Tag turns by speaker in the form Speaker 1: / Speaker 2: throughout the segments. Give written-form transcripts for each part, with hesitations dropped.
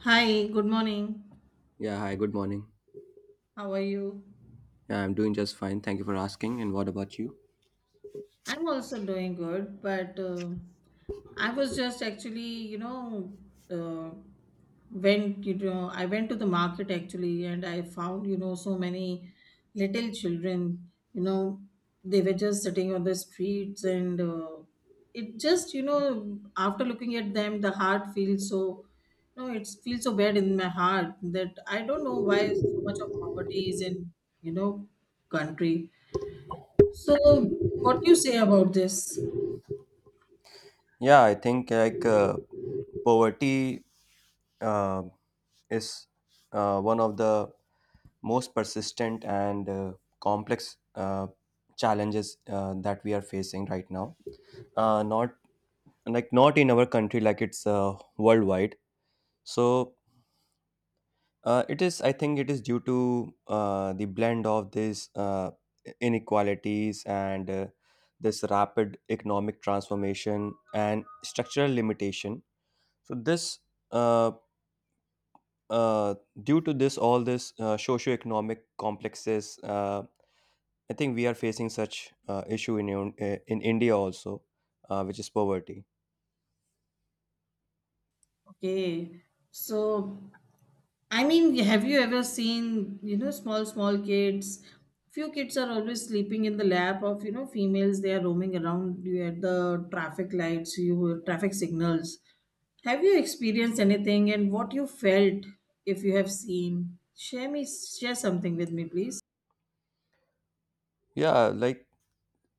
Speaker 1: Hi, good morning.
Speaker 2: Yeah, hi, good morning.
Speaker 1: How are you?
Speaker 2: Yeah, I'm doing just fine. Thank you for asking. And what about you?
Speaker 1: I'm also doing good, but I was just actually, you know, uh, went, you know, I went to the market actually and I found, you know, so many little children, you know, they were just sitting on the streets and it just, you know, after looking at them, the heart feels so, you know, it feels so bad in my heart that I don't know why so much of poverty is in, you know, country so, what you say about this?
Speaker 2: Yeah, I think poverty uh, is one of the most persistent and complex challenges that we are facing right now. Not not in our country, like it's worldwide. So it is, I think, it is due to the blend of these inequalities and this rapid economic transformation and structural limitation. So uh, uh, due to this, all this socioeconomic complexes, I think we are facing such issue in in India also, which is poverty.
Speaker 1: Okay. So, I mean, have you ever seen, you know, small, small kids? Few kids are always sleeping in the lap of, you know, females. They are roaming around you at the traffic lights, you traffic signals. Have you experienced anything and what you felt if you have seen? Share me, share something with me, please.
Speaker 2: Yeah, like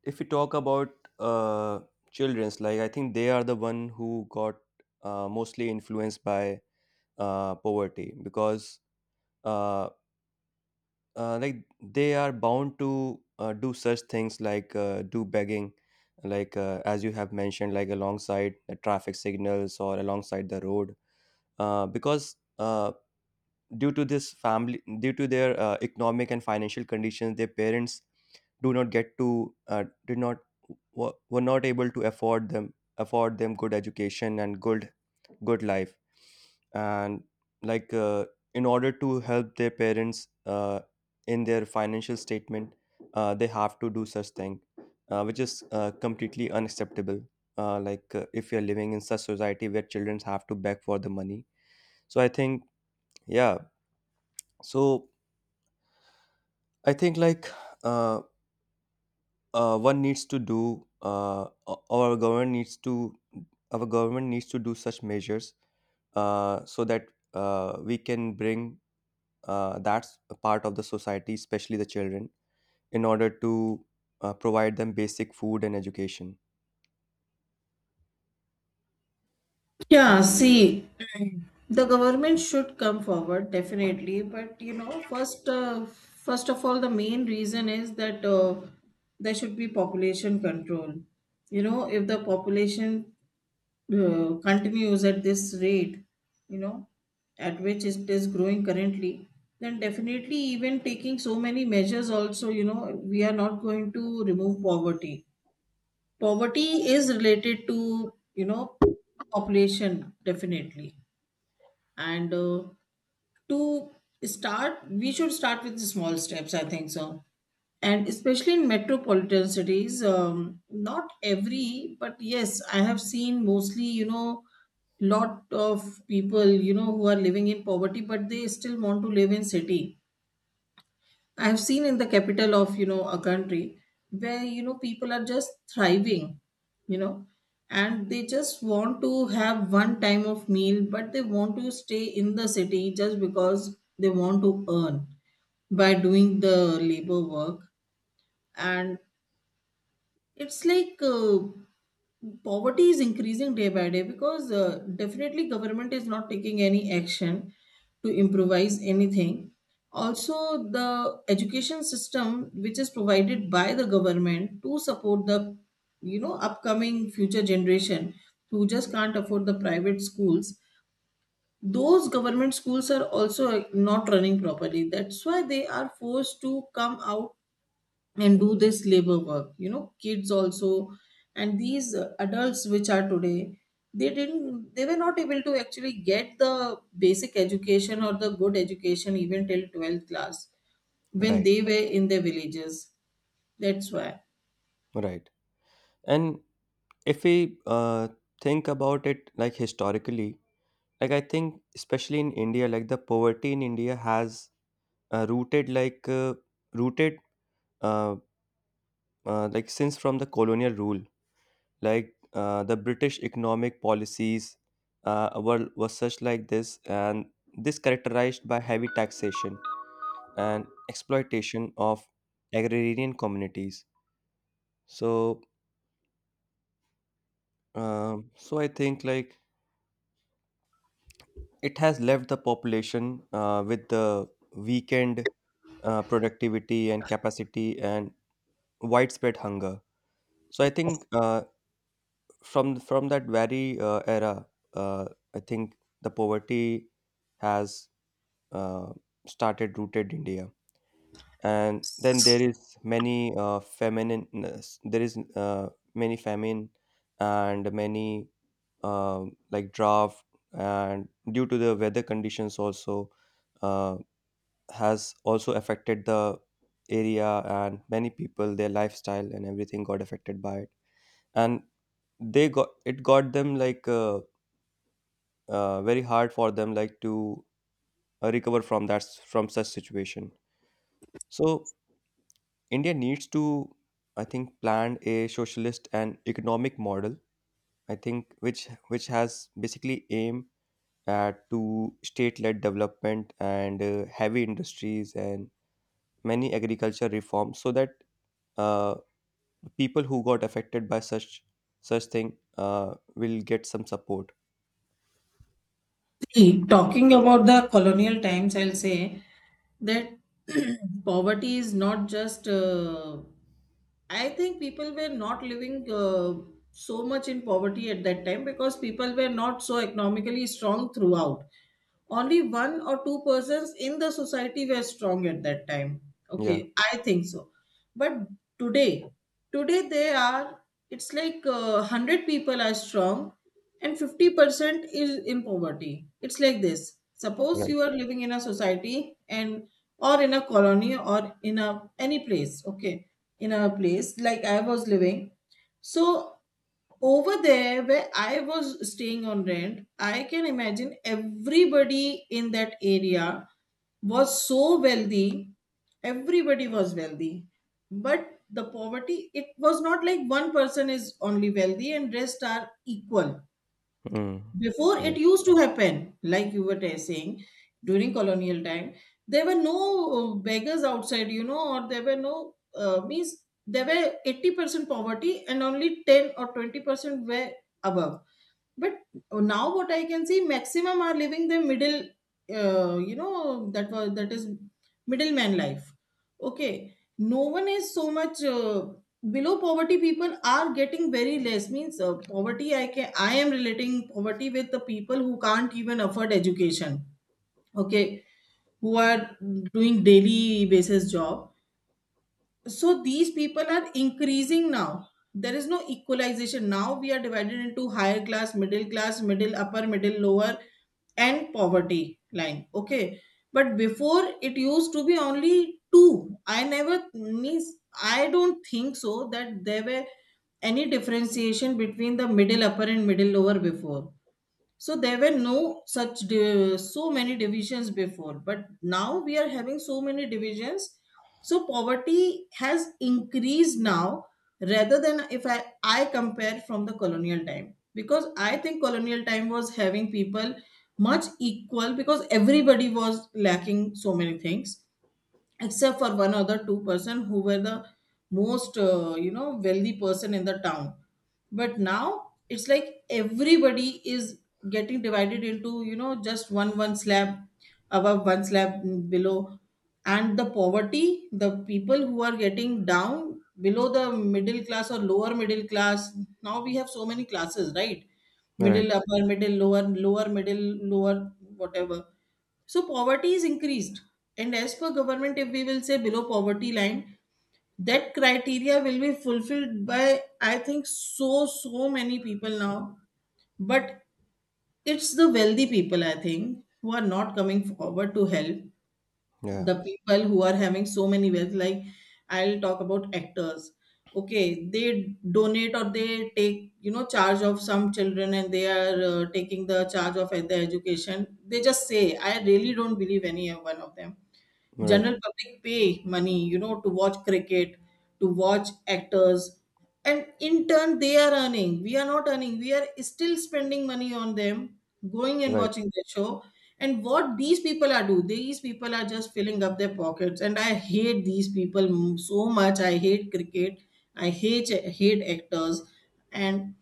Speaker 2: if we talk about uh, children's, like I think they are the one who got mostly influenced by poverty because uh, like they are bound to do such things like do begging, like as you have mentioned, like alongside the traffic signals or alongside the road, because due to this family due to their economic and financial conditions their parents do not get to did not were not able to afford them good education and good life and like uh, in order to help their parents in their financial statement, they have to do such thing which is completely unacceptable. If you're living in such society where children have to beg for the money, so i think yeah so I think uh, one needs to do our government needs to, our government needs to do such measures so that we can bring that part of the society, especially the children, in order to provide them basic food and education.
Speaker 1: Yeah, see, the government should come forward definitely, but you know, first of all, the main reason is that there should be population control. You know, if the population continues at this rate, you know, at which it is growing currently, then definitely, even taking so many measures, also, you know, we are not going to remove poverty. Poverty is related to, you know, population definitely. And to start, we should start with small steps, I think so. And especially in metropolitan cities, not every, but yes, I have seen mostly, you know, lot of people, you know, who are living in poverty, but they still want to live in city. I've seen in the capital of you know a country where you know people are just thriving, you know, and they just want to have one time of meal, but they want to stay in the city just because they want to earn by doing the labor work, and it's like poverty is increasing day by day because definitely government is not taking any action to improvise anything. Also, the education system which is provided by the government to support the you know upcoming future generation who just can't afford the private schools, those government schools are also not running properly, that's why they are forced to come out and do this labor work, you know, kids also, and these adults which are today, they were not able to actually get the basic education or the good education even till 12th class when
Speaker 2: Right,
Speaker 1: they were in their villages, that's why.
Speaker 2: right. And if we think about it like historically, like I think especially in India, like the poverty in India has uh, rooted like uh, rooted uh, like since from the colonial rule, the British economic policies were such like this, and this characterized by heavy taxation and exploitation of agrarian communities. So so I think like it has left the population with the weakened productivity and capacity and widespread hunger. So I think from that very era, uh, I think the poverty has uh, started rooted India. And then there is many feminine, there is many famine and many um like drought, and due to the weather conditions also, uh, has also affected the area, and many people their lifestyle and everything got affected by it. And they got it got them like very hard for them like to recover from from such situation. So India needs to, I think, plan a socialist and economic model, I think, which has basically aim at to state led development and heavy industries and many agriculture reforms, so that uh, people who got affected by such thing will get some support.
Speaker 1: See, talking about the colonial times, I'll say that poverty is not just. I think people were not living so much in poverty at that time because people were not so economically strong throughout, only one or two persons in the society were strong at that time,
Speaker 2: Yeah.
Speaker 1: okay, I think so. But today today they are, it's like 100 people are strong and 50% is in poverty. It's like this, suppose
Speaker 2: Right.
Speaker 1: you are living in a society and or in a colony or in a any place, okay, in a place like I was living. So over there where I was staying on rent, I can imagine everybody in that area was so wealthy, everybody was wealthy, but the poverty, it was not like one person is only wealthy and rest are equal.
Speaker 2: Mm.
Speaker 1: Before it
Speaker 2: Right,
Speaker 1: used to happen, like you were saying, during colonial time, there were no beggars outside, you know, or there were no means, there were 80% poverty and only 10 or 20% were above. But now what I can see, maximum are living the middle, you know, that is middleman life. Okay, no one is so much below poverty. People are getting very less. Means poverty. I am relating poverty with the people who can't even afford education. Okay, who are doing daily basis job, so these people are increasing now, there is no equalization, now we are divided into higher class, middle class, middle upper, middle lower, and poverty line, okay. But before it used to be only two, I never means, I don't think so that there were any differentiation between the middle upper and middle lower before. So there were no such so many divisions before, but now we are having so many divisions, so poverty has increased now rather than if I compare from the colonial time, because I think colonial time was having people much equal because everybody was lacking so many things except for one other two-person who were the most you know wealthy person in the town. But now it's like everybody is getting divided into you know just one slab above, one slab below, and the poverty, the people who are getting down below the middle class or lower middle class, now we have so many classes, right,
Speaker 2: right.
Speaker 1: middle upper, middle lower, lower middle, lower, whatever. So poverty is increased. And as per government, if we will say below poverty line, that criteria will be fulfilled by I think so so many people now. But it's the wealthy people, I think, who are not coming forward to help.
Speaker 2: Yeah.
Speaker 1: The people who are having so many wealth, like I'll talk about actors. Okay, they donate or they take, you know, charge of some children and they are taking the charge of their education. They just say, I really don't believe any one of them.
Speaker 2: Right,
Speaker 1: General public pay money you know to watch cricket, to watch actors, and in turn they are earning, we are not earning, we are still spending money on them, going and
Speaker 2: right.
Speaker 1: watching the show. And what these people are do these people are just filling up their pockets, and I hate these people so much. I hate cricket, I hate actors. And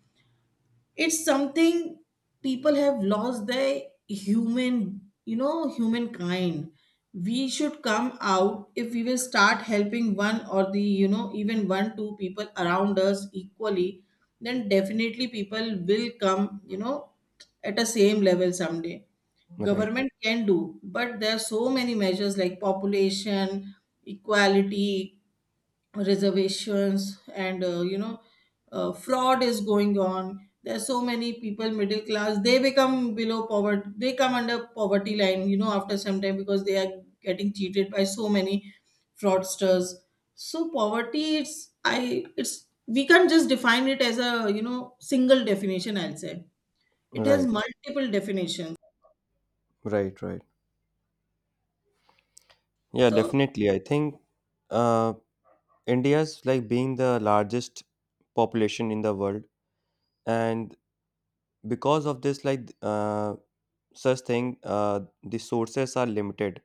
Speaker 1: it's something, people have lost their human, you know, humankind. We should come out, if we will start helping one or the you know even one two people around us equally, then definitely people will come, you know, at a same level someday.
Speaker 2: Right,
Speaker 1: Government can do, but there are so many measures like population, equality, reservations, and you know, fraud is going on, there are so many people middle class, they become below poverty, they come under poverty line, you know, after some time, because they are getting cheated by so many fraudsters. So poverty, it's, I it's we can't just define it as a you know single definition, I'll say. It has
Speaker 2: right,
Speaker 1: multiple definitions,
Speaker 2: right, right. Yeah,
Speaker 1: so.
Speaker 2: definitely. I think uh, India's like being the largest population in the world, and because of this, such thing, the sources are limited,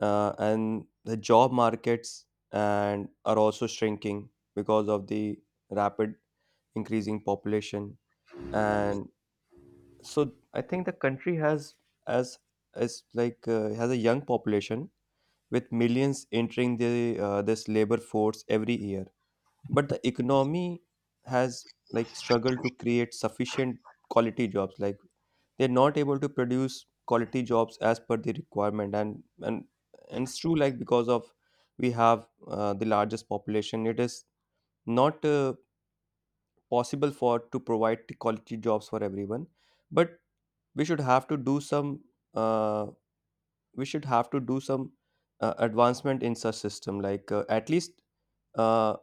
Speaker 2: and the job markets and are also shrinking because of the rapid increasing population, and so I think the country has as is has a young population with millions entering the this labor force every year. But the economy has like struggled to create sufficient quality jobs. Like they're not able to produce quality jobs as per the requirement, and it's true like because of we have the largest population, it is not possible for to provide the quality jobs for everyone. But we should have to do some uh, we should have to do some advancement in such system, like at least uh,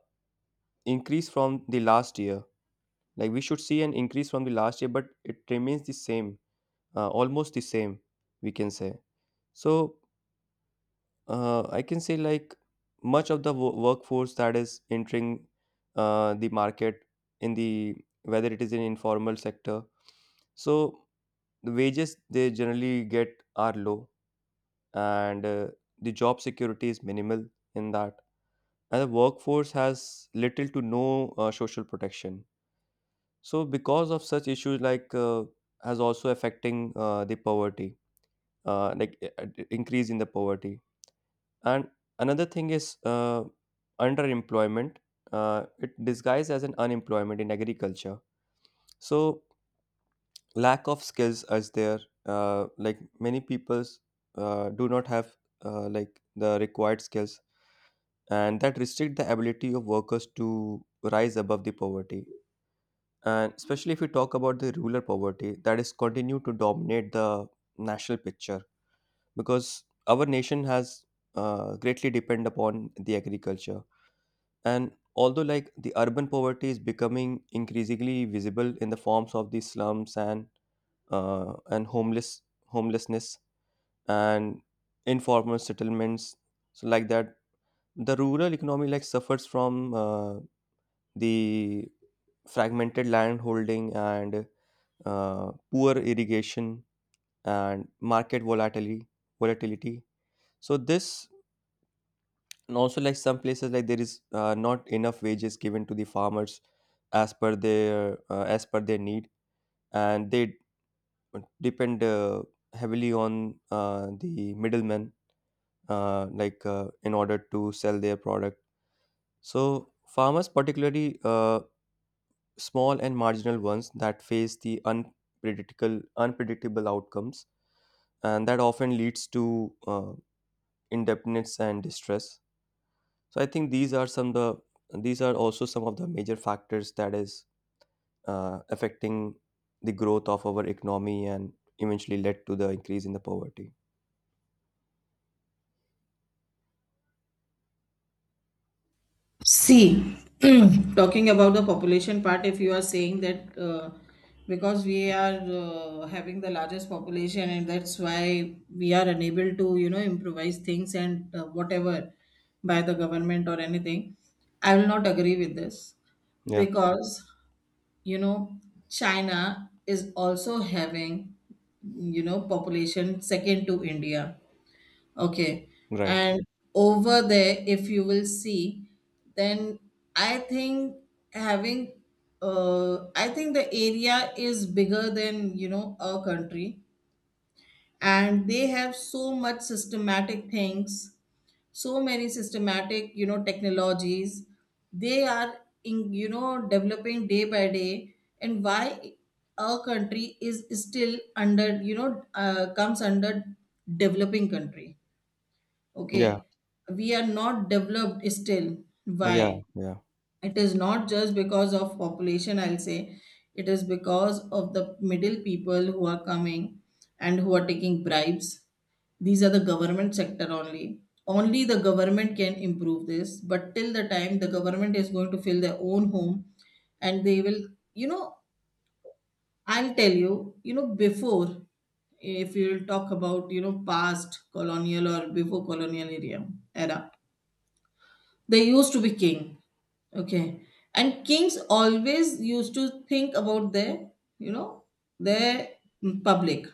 Speaker 2: increase from the last year, like we should see an increase from the last year, but it remains the same, almost the same, we can say. So I can say like much of the workforce that is entering the market in the, whether it is in informal sector, so the wages they generally get are low, and the job security is minimal in that, and the workforce has little to no social protection. So, because of such issues, has also affecting the poverty, increase in the poverty. And another thing is underemployment. It disguised as an unemployment in agriculture. So, lack of skills is there. Like many peoples do not have like the required skills, and that restrict the ability of workers to rise above the poverty. And especially if we talk about the rural poverty, that is continued to dominate the national picture, because our nation has greatly depend upon the agriculture. And although like the urban poverty is becoming increasingly visible in the forms of the slums and and homelessness and informal settlements, so like that, the rural economy like suffers from the fragmented land holding and poor irrigation, and market volatility. Volatility. So this, and also like some places like there is not enough wages given to the farmers as per their need, and they depend heavily on the middlemen, in order to sell their product. So farmers, particularly small and marginal ones, that face the unpredictable outcomes, and that often leads to indebtedness and distress. So I think these are also some of the major factors that is affecting the growth of our economy and eventually led to the increase in the poverty.
Speaker 1: See, talking about the population part, if you are saying that because we are having the largest population and that's why we are unable to, you know, improvise things and whatever by the government or anything, I will not agree with this
Speaker 2: Yeah.
Speaker 1: because, you know, China is also having, you know, population second to India. Okay.
Speaker 2: Right.
Speaker 1: And over there, if you will see, then I think having, I think the area is bigger than, you know, our country. And they have so much systematic things, so many systematic, you know, technologies. They are, in, you know, developing day by day. And why our country is still under, you know, comes under developing country,
Speaker 2: Yeah,
Speaker 1: okay, we are not developed still,
Speaker 2: yeah,
Speaker 1: why?
Speaker 2: yeah.
Speaker 1: It is not just because of population, I'll say, it is because of the middle people who are coming and who are taking bribes. These are the government sector only, only the government can improve this, but till the time the government is going to fill their own home and they will, you know, I'll tell you, you know, before, if you will talk about you know past colonial or before colonial area era, they used to be king. Okay. And kings always used to think about their, you know, their public.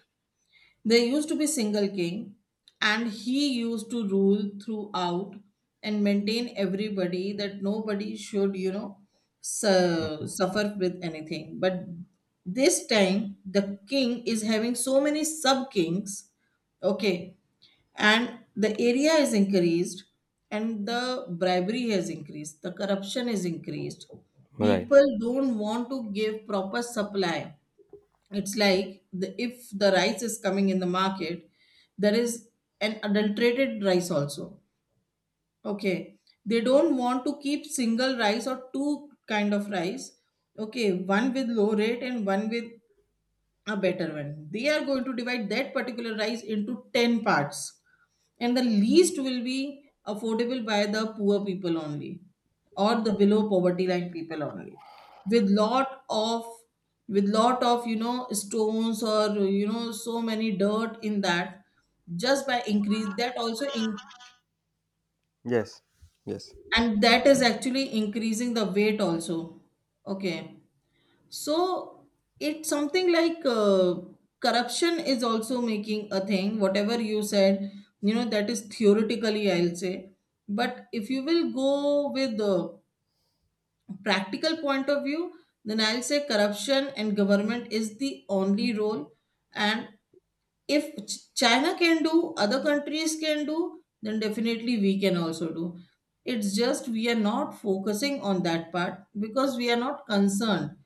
Speaker 1: There used to be single king, and he used to rule throughout and maintain everybody that nobody should, you know,
Speaker 2: Mhm.
Speaker 1: suffer with anything. But this time, the king is having so many sub kings, okay, and the area is increased, and the bribery has increased, the corruption is increased.
Speaker 2: Right.
Speaker 1: People don't want to give proper supply. It's like the, if the rice is coming in the market, there is an adulterated rice also, okay, they don't want to keep single rice or two kind of rice, okay, one with low rate and one with a better one. They are going to divide that particular rice into 10 parts, and the least will be affordable by the poor people only, or the below poverty line people only, with lot of, with lot of you know stones or you know so many dirt in that, just by increase that also in,
Speaker 2: Yes. Yes.
Speaker 1: and that is actually increasing the weight also, okay. So it's something like corruption is also making a thing. Whatever you said, you know, that is theoretically, I'll say. But if you will go with the practical point of view, then I'll say corruption and government is the only role. And if China can do, other countries can do, then definitely we can also do. It's just we are not focusing on that part because we are not concerned,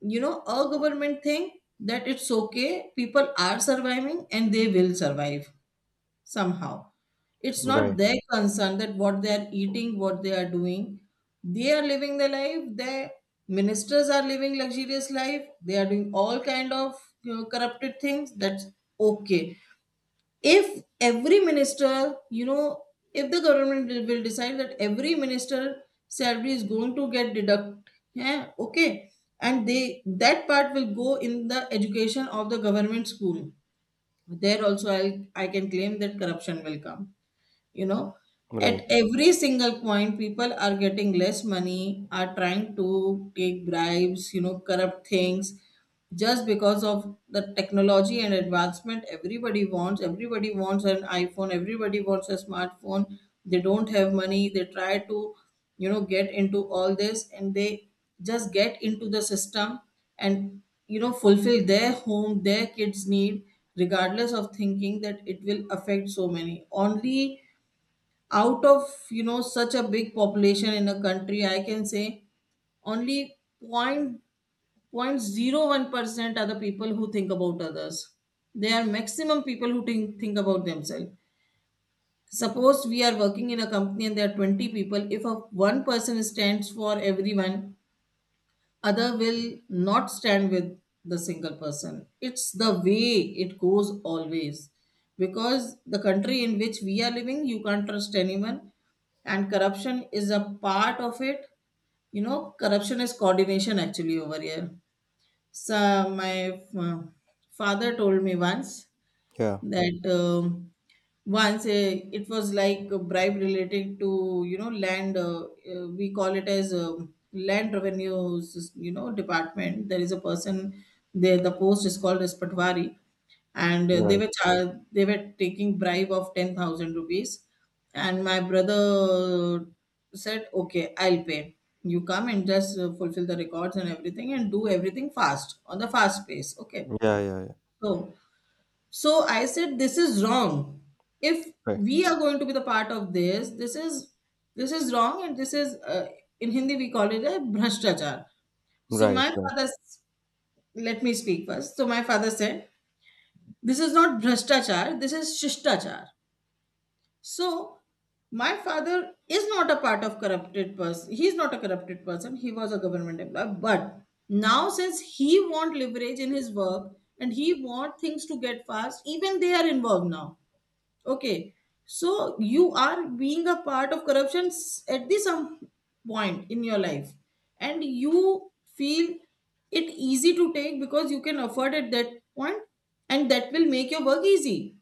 Speaker 1: you know, a government thing, that it's okay, people are surviving and they will survive somehow. It's not
Speaker 2: Right.
Speaker 1: their concern that what they are eating, what they are doing. They are living their life, their ministers are living luxurious life, they are doing all kind of, you know, corrupted things. That's okay. If every minister, you know, if the government will decide that every minister salary is going to get deduct, yeah, okay, and they, that part will go in the education of the government school, there also I can claim that corruption will come, you know. At
Speaker 2: Right.
Speaker 1: every single point, people are getting less money, are trying to take bribes, you know, corrupt things, just because of the technology and advancement. Everybody wants an iphone, everybody wants a smartphone. They don't have money, they try to, get into all this, and they just get into the system and, you know, fulfill their home, their kids need, regardless of thinking that it will affect so many. Only out of, you know, such a big population in a country, I can say only point 0.01% are the people who think about others. They are maximum people who think about themselves. Suppose we are working in a company and there are 20 people, if a one person stands for everyone, other will not stand with the single person. It's the way it goes always, because the country in which we are living, you can't trust anyone, and corruption is a part of it. You know, corruption is coordination actually over here. So my father told me once
Speaker 2: Yeah.
Speaker 1: that once a, it was like a bribe related to, you know, land, we call it as land revenues, you know, department. There is a person there, the post is called as patwari. And they
Speaker 2: Right.
Speaker 1: were they were taking bribe of 10,000 rupees. And my brother said, okay, I'll pay, you come and just fulfill the records and everything and do everything fast on the fast pace, okay.
Speaker 2: Yeah, yeah, yeah.
Speaker 1: So, so I said, this is wrong. If
Speaker 2: Right,
Speaker 1: we are going to be the part of this, this is, this is wrong, and this is in Hindi we call it a bhrashtachar. So
Speaker 2: right,
Speaker 1: my
Speaker 2: right.
Speaker 1: father, let me speak first. So my father said, this is not bhrashtachar, this is shishtachar. So my father is not a part of corrupted person. He is not a corrupted person. He was a government employee. But now since he want leverage in his work and he want things to get fast, even they are involved now. Okay, so you are being a part of corruption at the some point in your life, and you feel it easy to take because you can afford at that point, and that will make your work easy.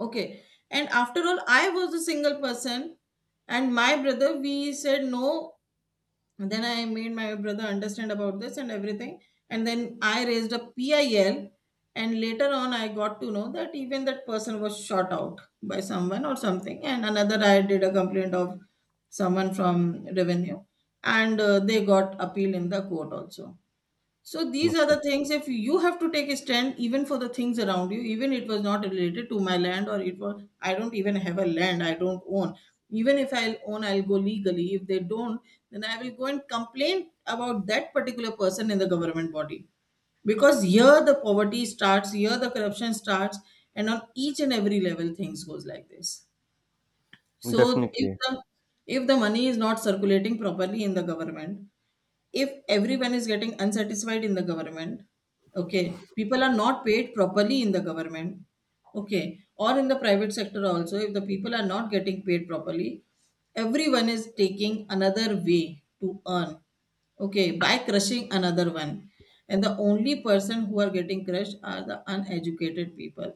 Speaker 1: Okay, and after all, I was a single person, and my brother, we said no. And then I made my brother understand about this and everything. And then I raised a PIL. And later on, I got to know that even that person was shot out by someone or something. And another, I did a complaint of someone from revenue. And they got appeal in the court also. So these are
Speaker 2: Okay.
Speaker 1: the things, if you have to take a stand even for the things around you, even it was not related to my land, or it was, I don't even have a land, I don't own. Even if I'll own, I'll go legally. If they don't, then I will go and complain about that particular person in the government body. Because here the poverty starts, here the corruption starts, and on each and every level things goes like this. So if
Speaker 2: Definitely.
Speaker 1: the, if the money is not circulating properly in the government, if everyone is getting unsatisfied in the government, okay, people are not paid properly in the government, okay, or in the private sector also, if the people are not getting paid properly, everyone is taking another way to earn, okay, by crushing another one. And the only person who are getting crushed are the uneducated people,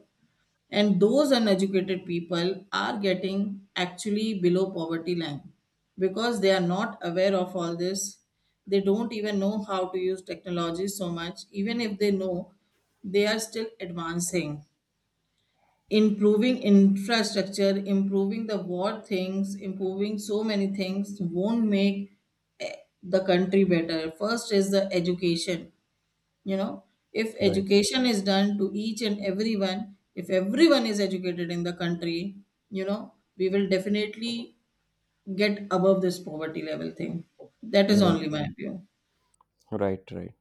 Speaker 1: and those uneducated people are getting actually below poverty line because they are not aware of all this. They don't even know how to use technology so much, even if they know, they are still advancing. Improving infrastructure, improving the war things, improving so many things won't make, eh, the country better. First is the education, you know. If
Speaker 2: Right.
Speaker 1: education is done to each and everyone, if everyone is educated in the country, you know, we will definitely get above this poverty level thing. That is
Speaker 2: Right,
Speaker 1: only my view.
Speaker 2: right, right.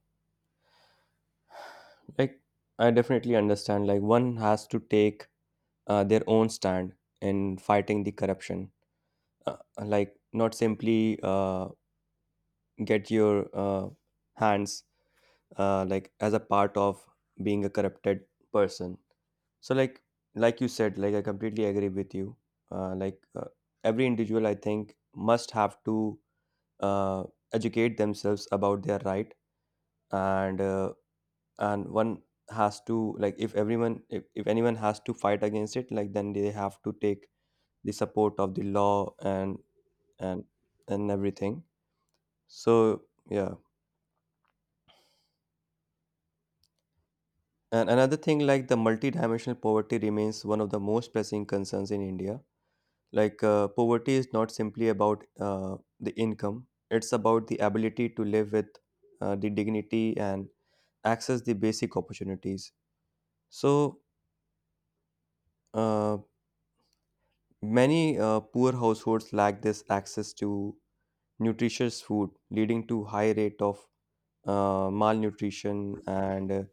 Speaker 2: Like, I definitely understand like one has to take their own stand in fighting the corruption. Uh, Not simply get your hands like as a part of being a corrupted person. So like like you said, like I completely agree with you. Uh, like uh, every individual, I think, must have to uh, educate themselves about their right, and one has to like if everyone if anyone has to fight against it, like then they have to take the support of the law and and everything. So yeah. And another thing, like the multidimensional poverty remains one of the most pressing concerns in India. Poverty is not simply about uh, the income, it's about the ability to live with the dignity and access the basic opportunities. So uh, many poor households lack this access to nutritious food, leading to high rate of malnutrition and uh,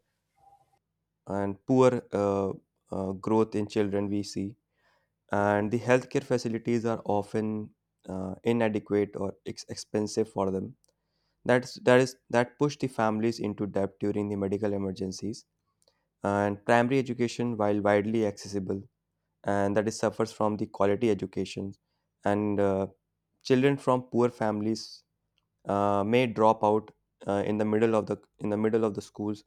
Speaker 2: and poor uh, uh, growth in children we see. And the healthcare facilities are often inadequate or expensive for them. That's that is That push the families into debt during the medical emergencies. And primary education, while widely accessible, and that is suffers from the quality education, and children from poor families may drop out in the middle of the schools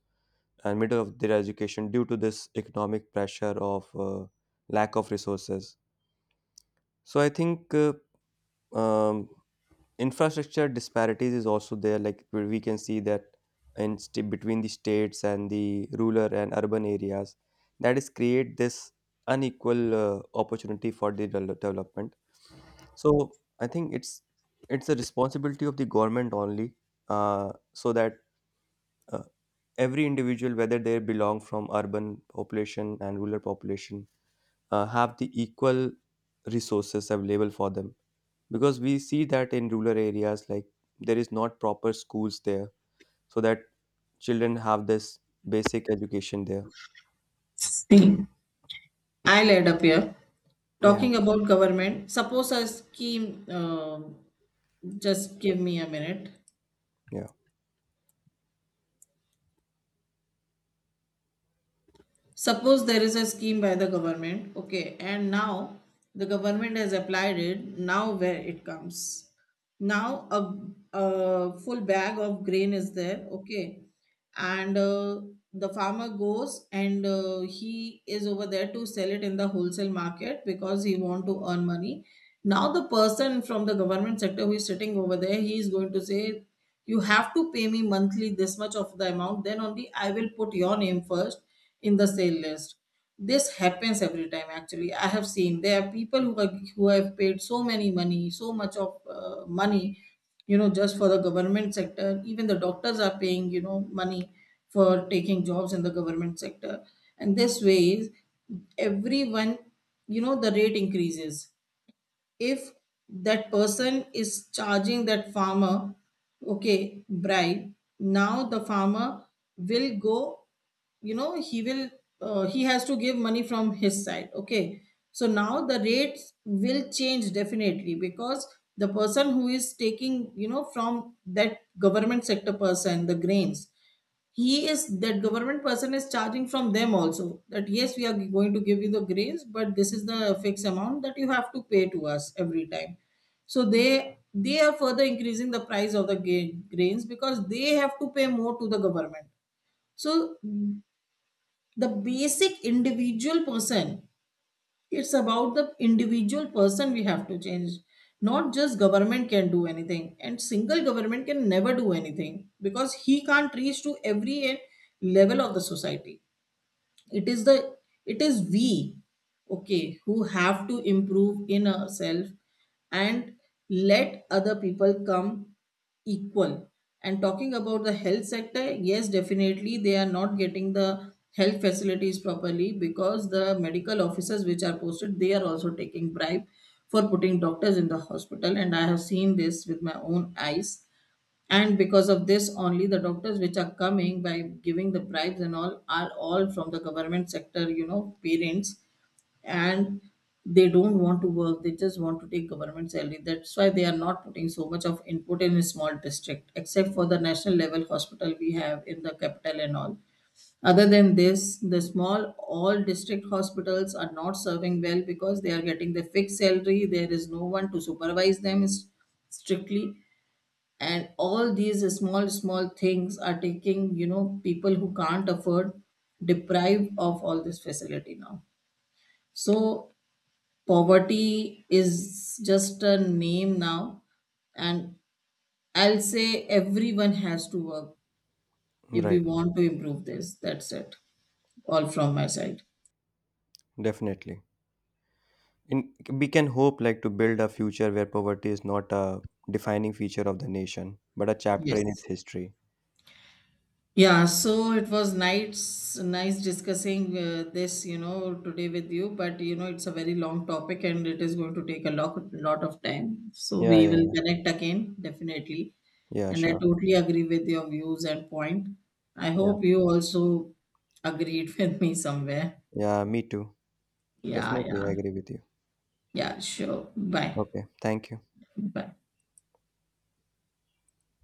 Speaker 2: and middle of their education due to this economic pressure of lack of resources. So I think um, infrastructure disparities is also there. Like, where we can see that in between the states and the rural and urban areas, that is create this unequal opportunity for the development. So I think it's a responsibility of the government only, so that uh, every individual, whether they belong from urban population and rural population, have the equal resources available for them, because we see that in rural areas like there is not proper schools there, so that children have this basic education there.
Speaker 1: See, I'll add up here.
Speaker 2: Yeah.
Speaker 1: Talking about government, suppose a scheme, just give me a minute.
Speaker 2: Yeah.
Speaker 1: Suppose there is a scheme by the government, okay, and now the government has applied it, now where it comes. Now a full bag of grain is there, okay. And the farmer goes, and he is over there to sell it in the wholesale market because he want to earn money. Now the person from the government sector who is sitting over there, he is going to say, you have to pay me monthly this much of the amount, then only I will put your name first in the sale list. This happens every time. Actually I have seen there are people who are, who have paid so many money, so much of money, you know, just for the government sector. Even the doctors are paying, you know, money for taking jobs in the government sector. And this way everyone, you know, the rate increases. If that person is charging that farmer, okay, bribe, now the farmer will go, you know, he will, he has to give money from his side, okay. So now the rates will change definitely because the person who is taking, you know, from that government sector person, the grains, he is, that government person is charging from them also, that yes, we are going to give you the grains, but this is the fixed amount that you have to pay to us every time. So they are further increasing the price of the grains because they have to pay more to the government. So the basic individual person, it's about the individual person we have to change. Not just government can do anything, and single government can never do anything because he can't reach to every level of the society. It is the, it is we, okay, who have to improve in ourselves and let other people come equal. And talking about the health sector, yes, definitely they are not getting the health facilities properly because the medical officers which are posted, they are also taking bribe for putting doctors in the hospital, and I have seen this with my own eyes. And because of this only, the doctors which are coming by giving the bribes and all are all from the government sector, you know, parents. And they don't want to work, they just want to take government salary. That's why they are not putting so much of input in a small district, except for the national level hospital we have in the capital and all. Other than this, the small all district hospitals are not serving well because they are getting the fixed salary. There is no one to supervise them strictly. And all these small small things are taking, you know, people who can't afford, deprived of all this facility now. So poverty is just a name now, and I'll say everyone has to work if we
Speaker 2: Right.
Speaker 1: want to improve this. That's it, all from my side.
Speaker 2: Definitely. In, we can hope like to build a future where poverty is not a defining feature of the nation but a chapter in
Speaker 1: Yes.
Speaker 2: its history.
Speaker 1: Yeah, so it was nice, nice discussing this, you know, today with you. But you know, it's a very long topic, and it is going to take a lot of time. So
Speaker 2: Yeah.
Speaker 1: we will
Speaker 2: Yeah.
Speaker 1: connect again, definitely.
Speaker 2: Yeah,
Speaker 1: And I
Speaker 2: sure.
Speaker 1: totally agree with your views and point. I
Speaker 2: Yeah.
Speaker 1: hope you also agreed with me somewhere.
Speaker 2: Yeah, me too.
Speaker 1: Yeah,
Speaker 2: Definitely,
Speaker 1: yeah,
Speaker 2: I agree with you.
Speaker 1: yeah. Sure. Bye.
Speaker 2: Okay, thank you.
Speaker 1: Bye.